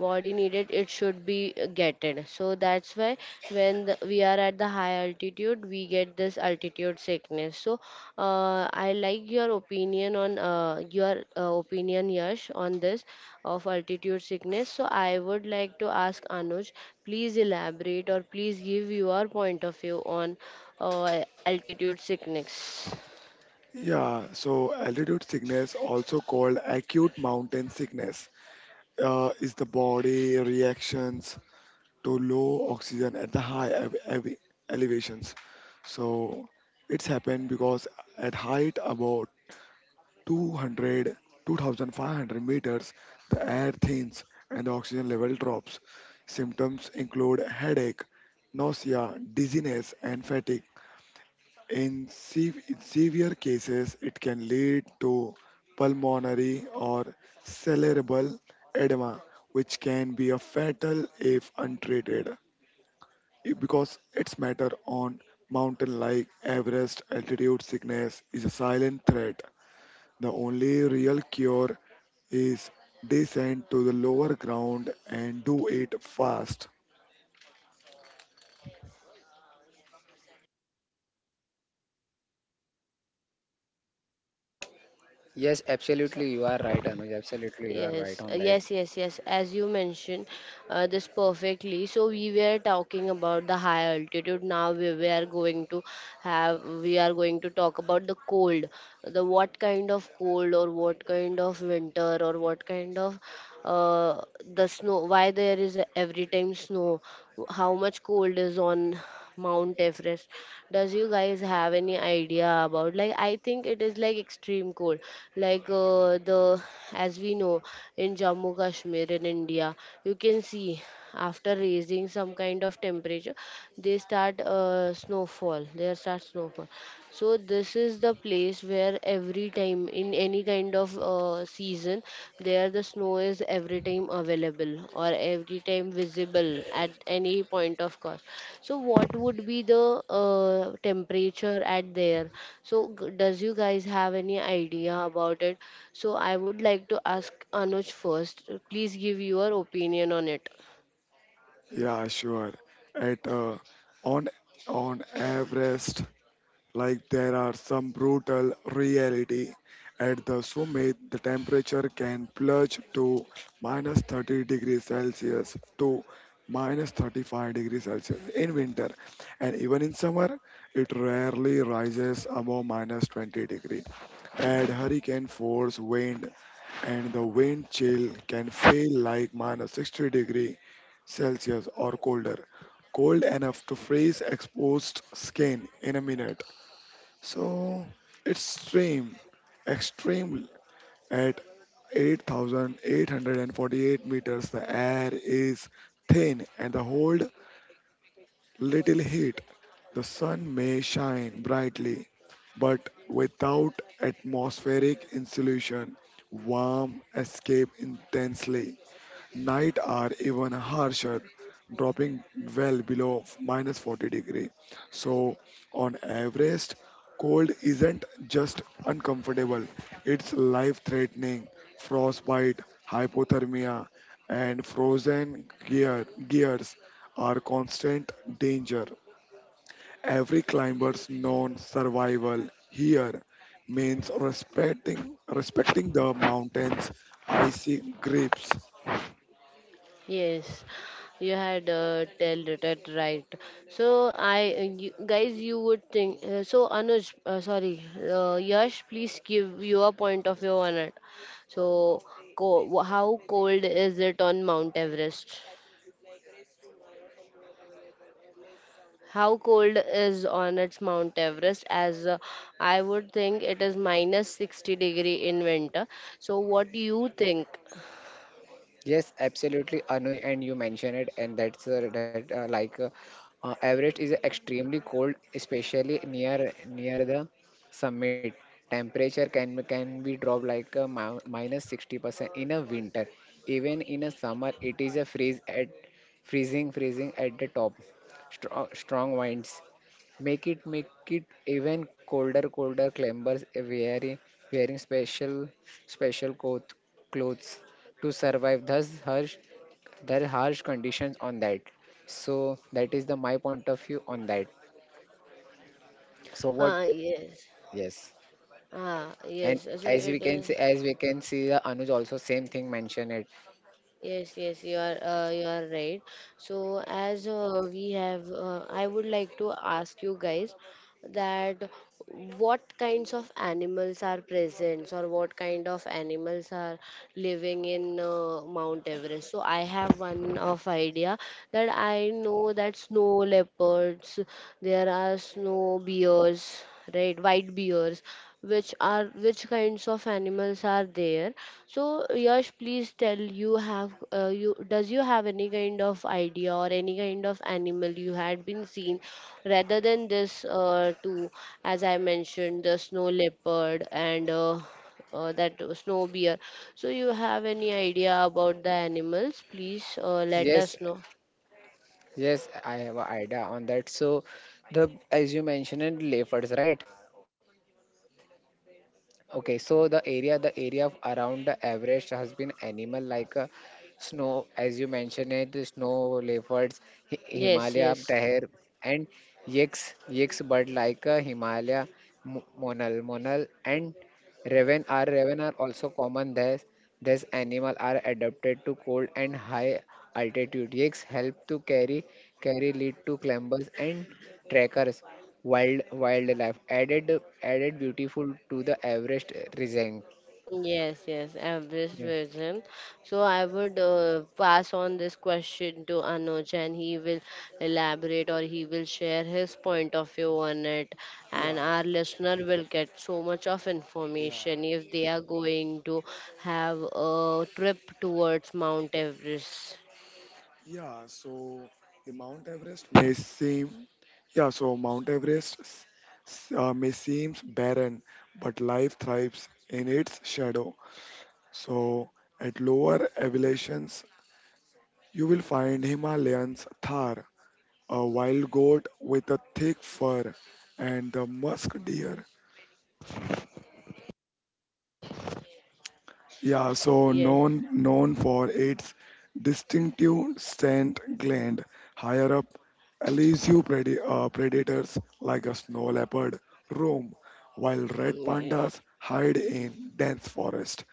Speaker 1: body needed it should be getted. So that's why when we are at the high altitude we get this altitude sickness. So I like your opinion on your opinion Yash on this of altitude sickness. So I would like to ask Anuj please elaborate or please give your point of view on altitude sickness.
Speaker 3: Yeah, so altitude sickness, also called acute mountain sickness, is the body reactions to low oxygen at the high elevations. So it's happened because at height about 200, 2,500 meters, the air thins and the oxygen level drops. Symptoms include headache, nausea, dizziness and fatigue. In severe cases it can lead to pulmonary or cerebral edema, which can be a fatal if untreated. Because its matter on mountain like Everest, altitude sickness is a silent threat. The only real cure is descend to the lower ground, and do it fast.
Speaker 2: Yes, absolutely, you are right, Anuj. Absolutely, you are right
Speaker 1: Yes,
Speaker 2: on that.
Speaker 1: yes, yes, yes. As you mentioned this perfectly. So we were talking about the high altitude. Now we are going to talk about the cold. The what kind of cold or what kind of winter or what kind of uh, the snow. Why there is a every time snow? How much cold is on Mount Everest? Does you guys have any idea about, like I think it is like extreme cold, like the as we know in Jammu Kashmir in India. You can see after raising some kind of temperature they start snowfall, there start snowfall. So this is the place where every time in any kind of season there the snow is every time available or every time visible at any point of cost. So what would be the temperature at there? So does you guys have any idea about it? So I would like to ask Anuj first. Please give your opinion on it.
Speaker 3: Yeah, sure. At on on Everest, like there are some brutal reality. At the summit, the temperature can plunge to minus 30 degrees Celsius to minus 35 degrees Celsius in winter, and even in summer, it rarely rises above minus 20 degree. Add hurricane force wind, and the wind chill can feel like minus 60 degree Celsius or colder, cold enough to freeze exposed skin in a minute. So it's stream extreme at 8,848 meters. The air is thin and the hold little heat. The sun may shine brightly, but without atmospheric insulation, warm escape intensely. Night are even harsher, dropping well below minus 40 degree. So on Everest, cold isn't just uncomfortable, it's life-threatening. Frostbite, hypothermia, and frozen gears are constant danger. Every climber's known survival here means respecting the mountain's icy grips.
Speaker 1: Yes, you had tell that that right. So I you, guys, you would think. So Anuj, sorry, Yash, please give your point of view on it. So, how cold is it on Mount Everest? How cold is on its Mount Everest? As I would think it is minus 60 degree in winter. So what do you think?
Speaker 2: Yes, absolutely, Anu, and you mentioned it, and that's that like Everest is extremely cold, especially near the summit. Temperature can be dropped like 60% in a winter. Even in a summer, it is a freeze at freezing at the top. Strong winds make it even colder. Climbers wearing special coat clothes to survive thus harsh their harsh conditions on that. So that is the my point of view on that. So what?
Speaker 1: Ah yes.
Speaker 2: Yes.
Speaker 1: Ah
Speaker 2: And
Speaker 1: yes. So it is.
Speaker 2: as we can see the Anuj also same thing mentioned it.
Speaker 1: Yes, yes, you are right. So as we have, I would like to ask you guys that what kinds of animals are present or what kind of animals are living in Mount Everest. So I have one of idea that I know that snow leopards, there are snow bears, right, white bears, which are which kinds of animals are there. So Yash, please tell. You have you does you have any kind of idea or any kind of animal you had been seen rather than this two as I mentioned, the snow leopard and that snow bear. So you have any idea about the animals? Please let
Speaker 2: Yes,
Speaker 1: us know.
Speaker 2: yes, I have an idea on that. So the as you mentioned it, leopards, right? Okay, so the area of around the Everest has been animal like as you mentioned it, the snow leopards,
Speaker 1: Yes,
Speaker 2: Himalaya
Speaker 1: yes.
Speaker 2: bear, and yaks bird like Himalaya monal, and raven are also common there. These animal are adapted to cold and high altitude. Yaks help to carry lead to climbers and trekkers. Wildlife added beautiful to the Everest region.
Speaker 1: Yes, yes, average
Speaker 2: Yeah.
Speaker 1: version. So I would pass on this question to Anuj and he will elaborate or he will share his point of view on it,
Speaker 3: Yeah,
Speaker 1: and our listener will get so much of
Speaker 3: yeah, yeah.
Speaker 1: information if they are going to have a trip towards Mount Everest.
Speaker 3: Yeah, so the Mount Everest may seem, yeah, so Mount Everest may seem barren, but life thrives in its shadow. So at lower elevations, you will find Himalayan's Thar, a wild goat with a thick fur, and the musk deer. Yeah, so
Speaker 1: Yes.
Speaker 3: known for its distinctive scent gland. Higher up, elusive predators like a snow leopard roam, while red
Speaker 1: Mm.
Speaker 3: pandas hide in dense forest.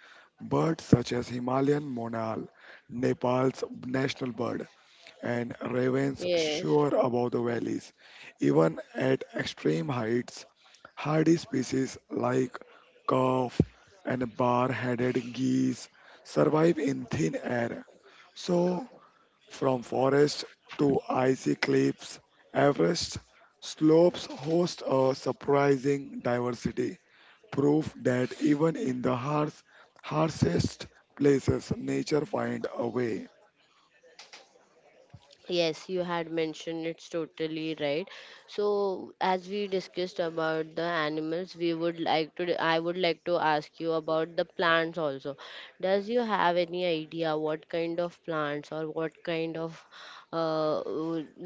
Speaker 3: Birds such as Himalayan monal, Nepal's national bird, and ravens
Speaker 1: Yes.
Speaker 3: soar above the valleys. Even at extreme heights, hardy species like calf and bar-headed geese survive in thin air. So, from forest to icy cliffs, Everest slopes host a surprising diversity, proof that even in the harshest places, nature finds a way.
Speaker 1: Yes, you had mentioned it's totally right. So, as we discussed about the animals, we would like to I would like to ask you about the plants also. Does you have any idea what kind of plants or what kind of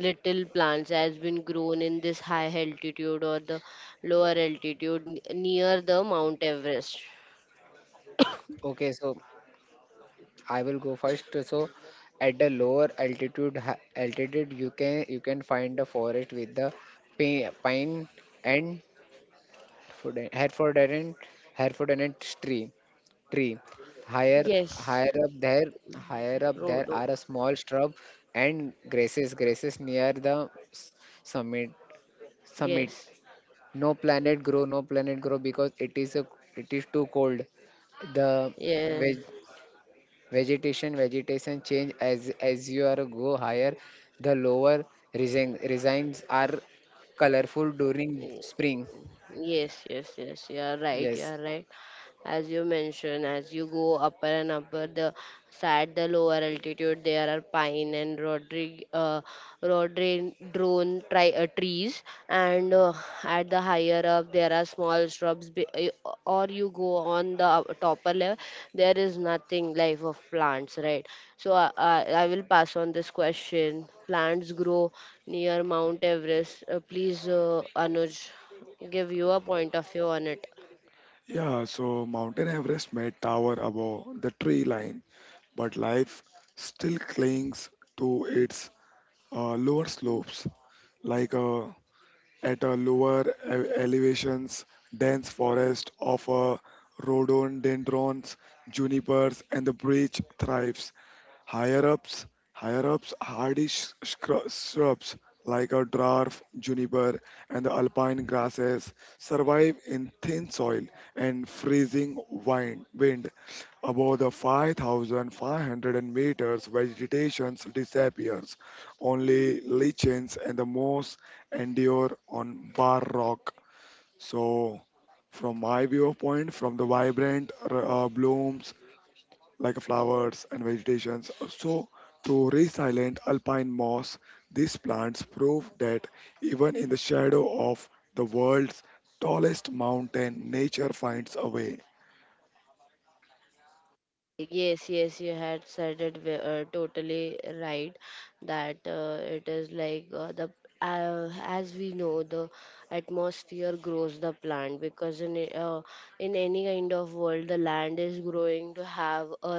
Speaker 1: little plants has been grown in this high altitude or the lower altitude near the Mount Everest?
Speaker 2: Okay, so I will go first. So at the lower altitude you can find the forest with the pine and Hereford- Herefordshire Herefordshire tree tree. Higher
Speaker 1: Yes,
Speaker 2: higher up there higher up there
Speaker 1: Rodo.
Speaker 2: are a small shrub and grasses near the summit summit.
Speaker 1: Yes.
Speaker 2: No planet grow because it is too cold. The
Speaker 1: Yeah.
Speaker 2: veg, vegetation change as you are go higher. The lower resigns are colorful during spring.
Speaker 1: Yes, yes, yes. You are right. You
Speaker 2: Yes,
Speaker 1: are right. As you mentioned, as you go upper and upper the side, the lower altitude, there are pine and rodrig rodri drone tri- trees, and at the higher up there are small shrubs, or you go on the topper level there is nothing life of plants, right? So I will pass on this question, plants grow near Mount Everest. Please, Anuj, give you a point of view on it.
Speaker 3: Yeah, so Mountain Everest may tower above the tree line, but life still clings to its lower slopes. Like at a lower elevations, dense forest of rhododendrons, junipers, and the birch thrives. Higher ups, Higher ups, hardy shrubs like a dwarf, juniper, and the alpine grasses survive in thin soil and freezing wind. Above the 5,500 meters, vegetation disappears. Only lichens and the moss endure on bare rock. So, from my viewpoint, from the vibrant blooms like flowers and vegetations. So, to resilient alpine moss, these plants prove that even in the shadow of the world's tallest mountain, nature finds a way.
Speaker 1: Yes, yes, you had said it totally right, that it is like the as we know the atmosphere grows the plant, because in any kind of world the land is growing to have a,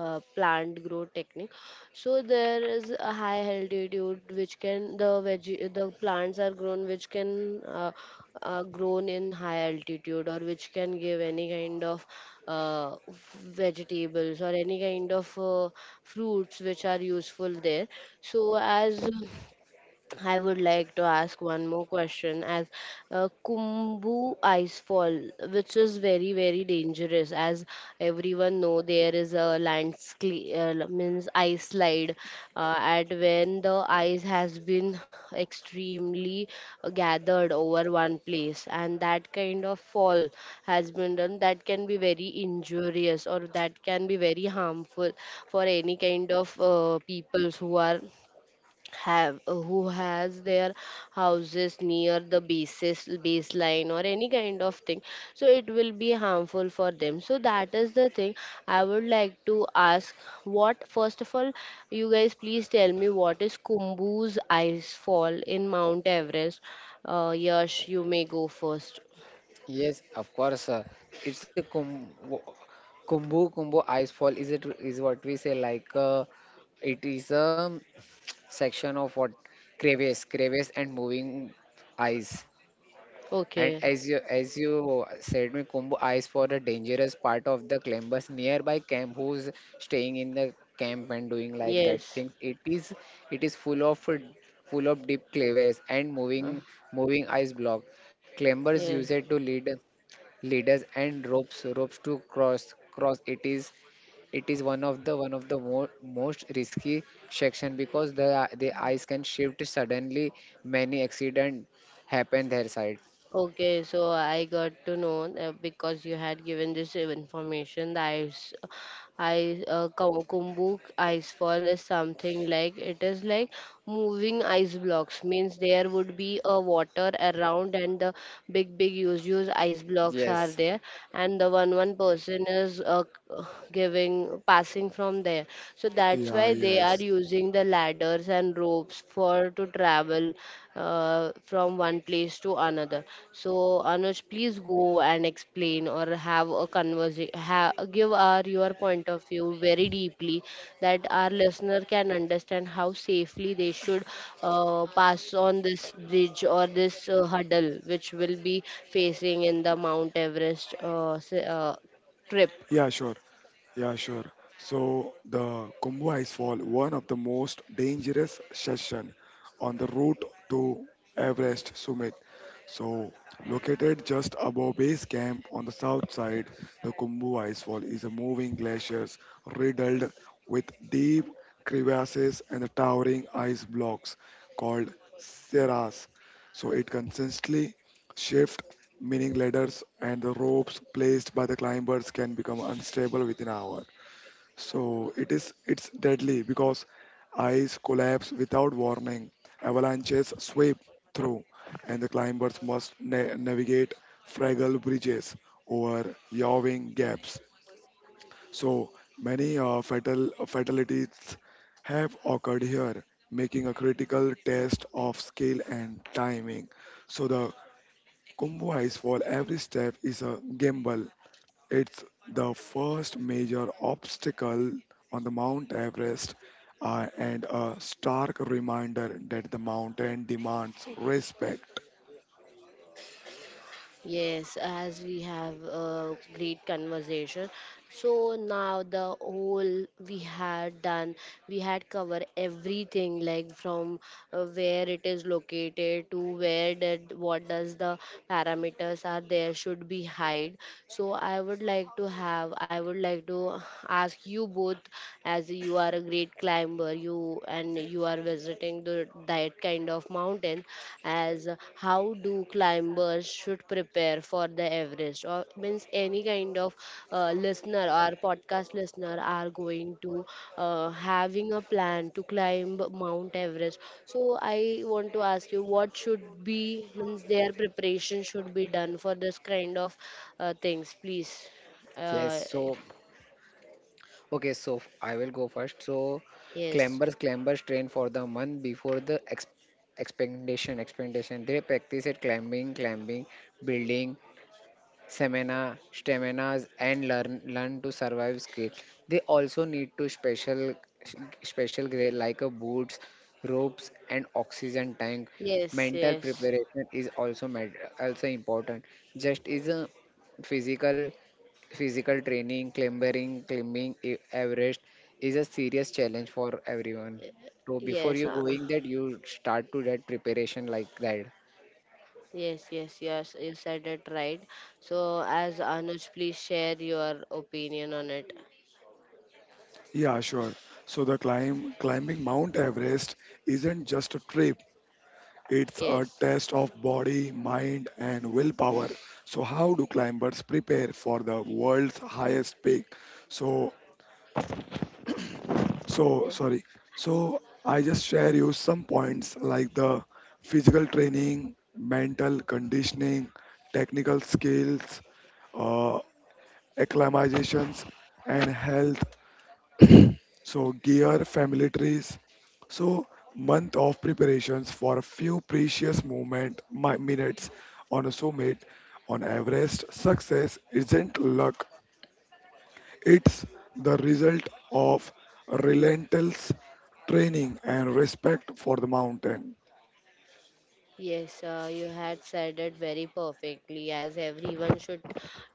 Speaker 1: plant grow technique. So there is a high altitude which can the veg the plants are grown, which can grown in high altitude, or which can give any kind of vegetables or any kind of fruits which are useful there. So, as I would like to ask one more question, as Kumbu ice fall, which is very, very dangerous. As everyone know, there is a landscape, means ice slide, at when the ice has been extremely gathered over one place, and that kind of fall has been done, that can be very injurious or that can be very harmful for any kind of peoples who are have who has their houses near the basis baseline or any kind of thing, so it will be harmful for them. So that is the thing I would like to ask. What, first of all, you guys please tell me, what is Kumbu's ice fall in Mount Everest? Yash, you may go first.
Speaker 2: yes, of course. It's a Kumbu ice fall is what we say like it is a section of what crevice and moving ice. And
Speaker 1: Okay.
Speaker 2: as you said, me Kumbu eyes for the dangerous part of the climbers nearby camp who's staying in the camp and doing like that
Speaker 1: Yes.
Speaker 2: things. It is full of deep clavers and
Speaker 1: uh,
Speaker 2: moving ice block. Climbers use
Speaker 1: yes.
Speaker 2: it to leaders and ropes to cross. It is one of the mo most risky section because the ice can shift suddenly. Many accident happen their side.
Speaker 1: Okay, so I got to know that, because you had given this information, the Kumbh icefall is something like, it is like moving ice blocks. Means there would be a water around, and the big, big, huge, huge ice blocks are
Speaker 2: Yes.
Speaker 1: there, and the one person is giving passing from there. So that's
Speaker 3: Yeah,
Speaker 1: why they are
Speaker 3: yes.
Speaker 1: using the ladders and ropes for to travel from one place to another. So, Anuj, please go and explain or have a conversation, give our your point of view very deeply, that our listener can understand how safely they should pass on this bridge or this hurdle which will be facing in the Mount Everest trip.
Speaker 3: Yeah, sure. Yeah, sure. So the Kumbh Icefall, one of the most dangerous section on the route to Everest summit. So located just above base camp on the south side, the Kumbh Icefall is a moving glaciers riddled with deep crevasses and the towering ice blocks called Sierras. So it consistently shifts, meaning ladders and the ropes placed by the climbers can become unstable within an hour. So it's deadly because ice collapse without warning, avalanches sweep through, and the climbers must navigate fragile bridges over yawning gaps. So many fatalities have occurred here, making a critical test of skill and timing. So the Kumbu Ice Fall, every step is a gamble. It's the first major obstacle on the Mount Everest, and a stark reminder that the mountain demands respect.
Speaker 1: Yes, as we have a great conversation. So now the whole we had done, we had covered everything, like from where it is located, to where did what does the parameters are there should be hide. So I would like to have, I would like to ask you both, as you are a great climber, you, and you are visiting the, that kind of mountain, as how do climbers should prepare for the Everest, or means any kind of listener or podcast listener are going to having a plan to climb Mount Everest. So I want to ask you, what should be means their preparation should be done for this kind of things, please.
Speaker 2: Yes,
Speaker 1: Uh,
Speaker 2: so okay, I will go first. So,
Speaker 1: yes,
Speaker 2: climbers train for the month before the ex expedition. They practice at climbing, building, staminas, and learn to survive skills. They also need to special gear like a boots, ropes, and oxygen tank.
Speaker 1: yes,
Speaker 2: Mental
Speaker 1: yes,
Speaker 2: preparation is also important. Just is a physical physical training, clambering, climbing Everest is a serious challenge for everyone. So before
Speaker 1: yes.
Speaker 2: you going that, you start to that preparation like that.
Speaker 1: Yes, yes, yes, you said it right. So, as Anuj, please share your opinion on it.
Speaker 3: Yeah, sure. So the climbing Mount Everest isn't just a trip. It's a
Speaker 1: Yes,
Speaker 3: test of body, mind and willpower. So how do climbers prepare for the world's highest peak? So
Speaker 1: yes,
Speaker 3: sorry. So, I just share you some points like the physical training, mental conditioning, technical skills, uh, acclimatizations, and health. So, gear, family trees. So, month of preparations for a few precious minutes on a summit on Everest. Success isn't luck, it's the result of relentless training and respect for the mountain.
Speaker 1: yes, you had said it very perfectly. As everyone should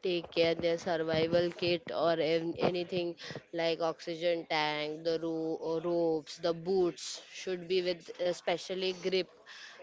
Speaker 1: take care their survival kit or anything like oxygen tank, the ropes, the boots should be with specially grip,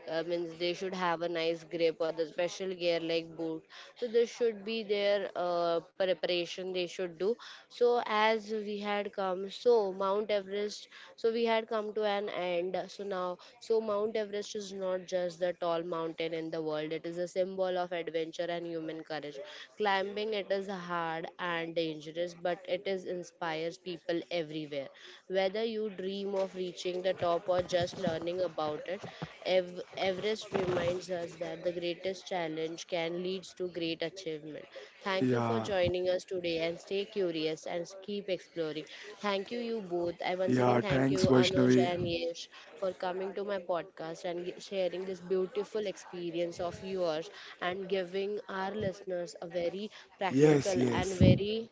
Speaker 1: means they should have a nice grip or the special gear like boot, so this should be their preparation they should do. So as we had come, so Mount Everest, so we had come to an end, so now, so Mount Everest is not just the tall mountain in the world, it is a symbol of adventure and human courage. Climbing it is hard and dangerous, but it is inspires people everywhere. Whether you dream of reaching the top or just learning about it, Everest reminds us that the greatest challenge can lead to great achievement. Thank you for
Speaker 3: Yeah,
Speaker 1: joining us today, and stay curious and keep exploring. Thank you, you both. I once
Speaker 3: yeah,
Speaker 1: again thank
Speaker 3: thanks,
Speaker 1: you, Anuj
Speaker 3: Vaishnavi.
Speaker 1: and Yesh, for coming to my podcast and sharing this beautiful experience of yours, and giving our listeners a very
Speaker 3: Yes,
Speaker 1: practical and
Speaker 3: yes.
Speaker 1: very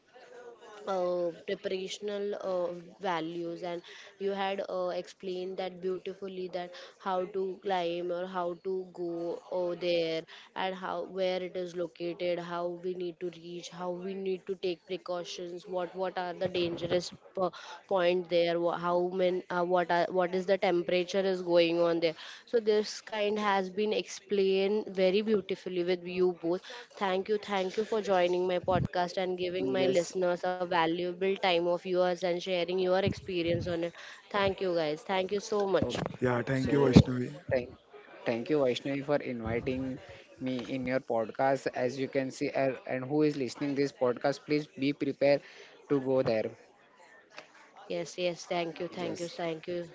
Speaker 1: preparational values. And you had explained that beautifully, that how to climb or how to go over there, and how, where it is located, how we need to reach, how we need to take precautions, what are the dangerous point there, there, how many what are, what is the temperature is going on there. So this kind has been explained very beautifully with you both. Thank you, thank you for joining my podcast and giving my
Speaker 2: Yes.
Speaker 1: listeners a valuable time of yours and sharing your experience on it. Thank you, guys. Thank you so much.
Speaker 2: Okay.
Speaker 3: Yeah, thank
Speaker 2: So
Speaker 3: you, Vaishnavi.
Speaker 2: thank thank you, Vaishnavi, for inviting me in your podcast. As you can see, and who is listening this podcast, please be prepared to go there.
Speaker 1: Yes, yes, thank you, thank you,
Speaker 2: Yes.
Speaker 1: thank you.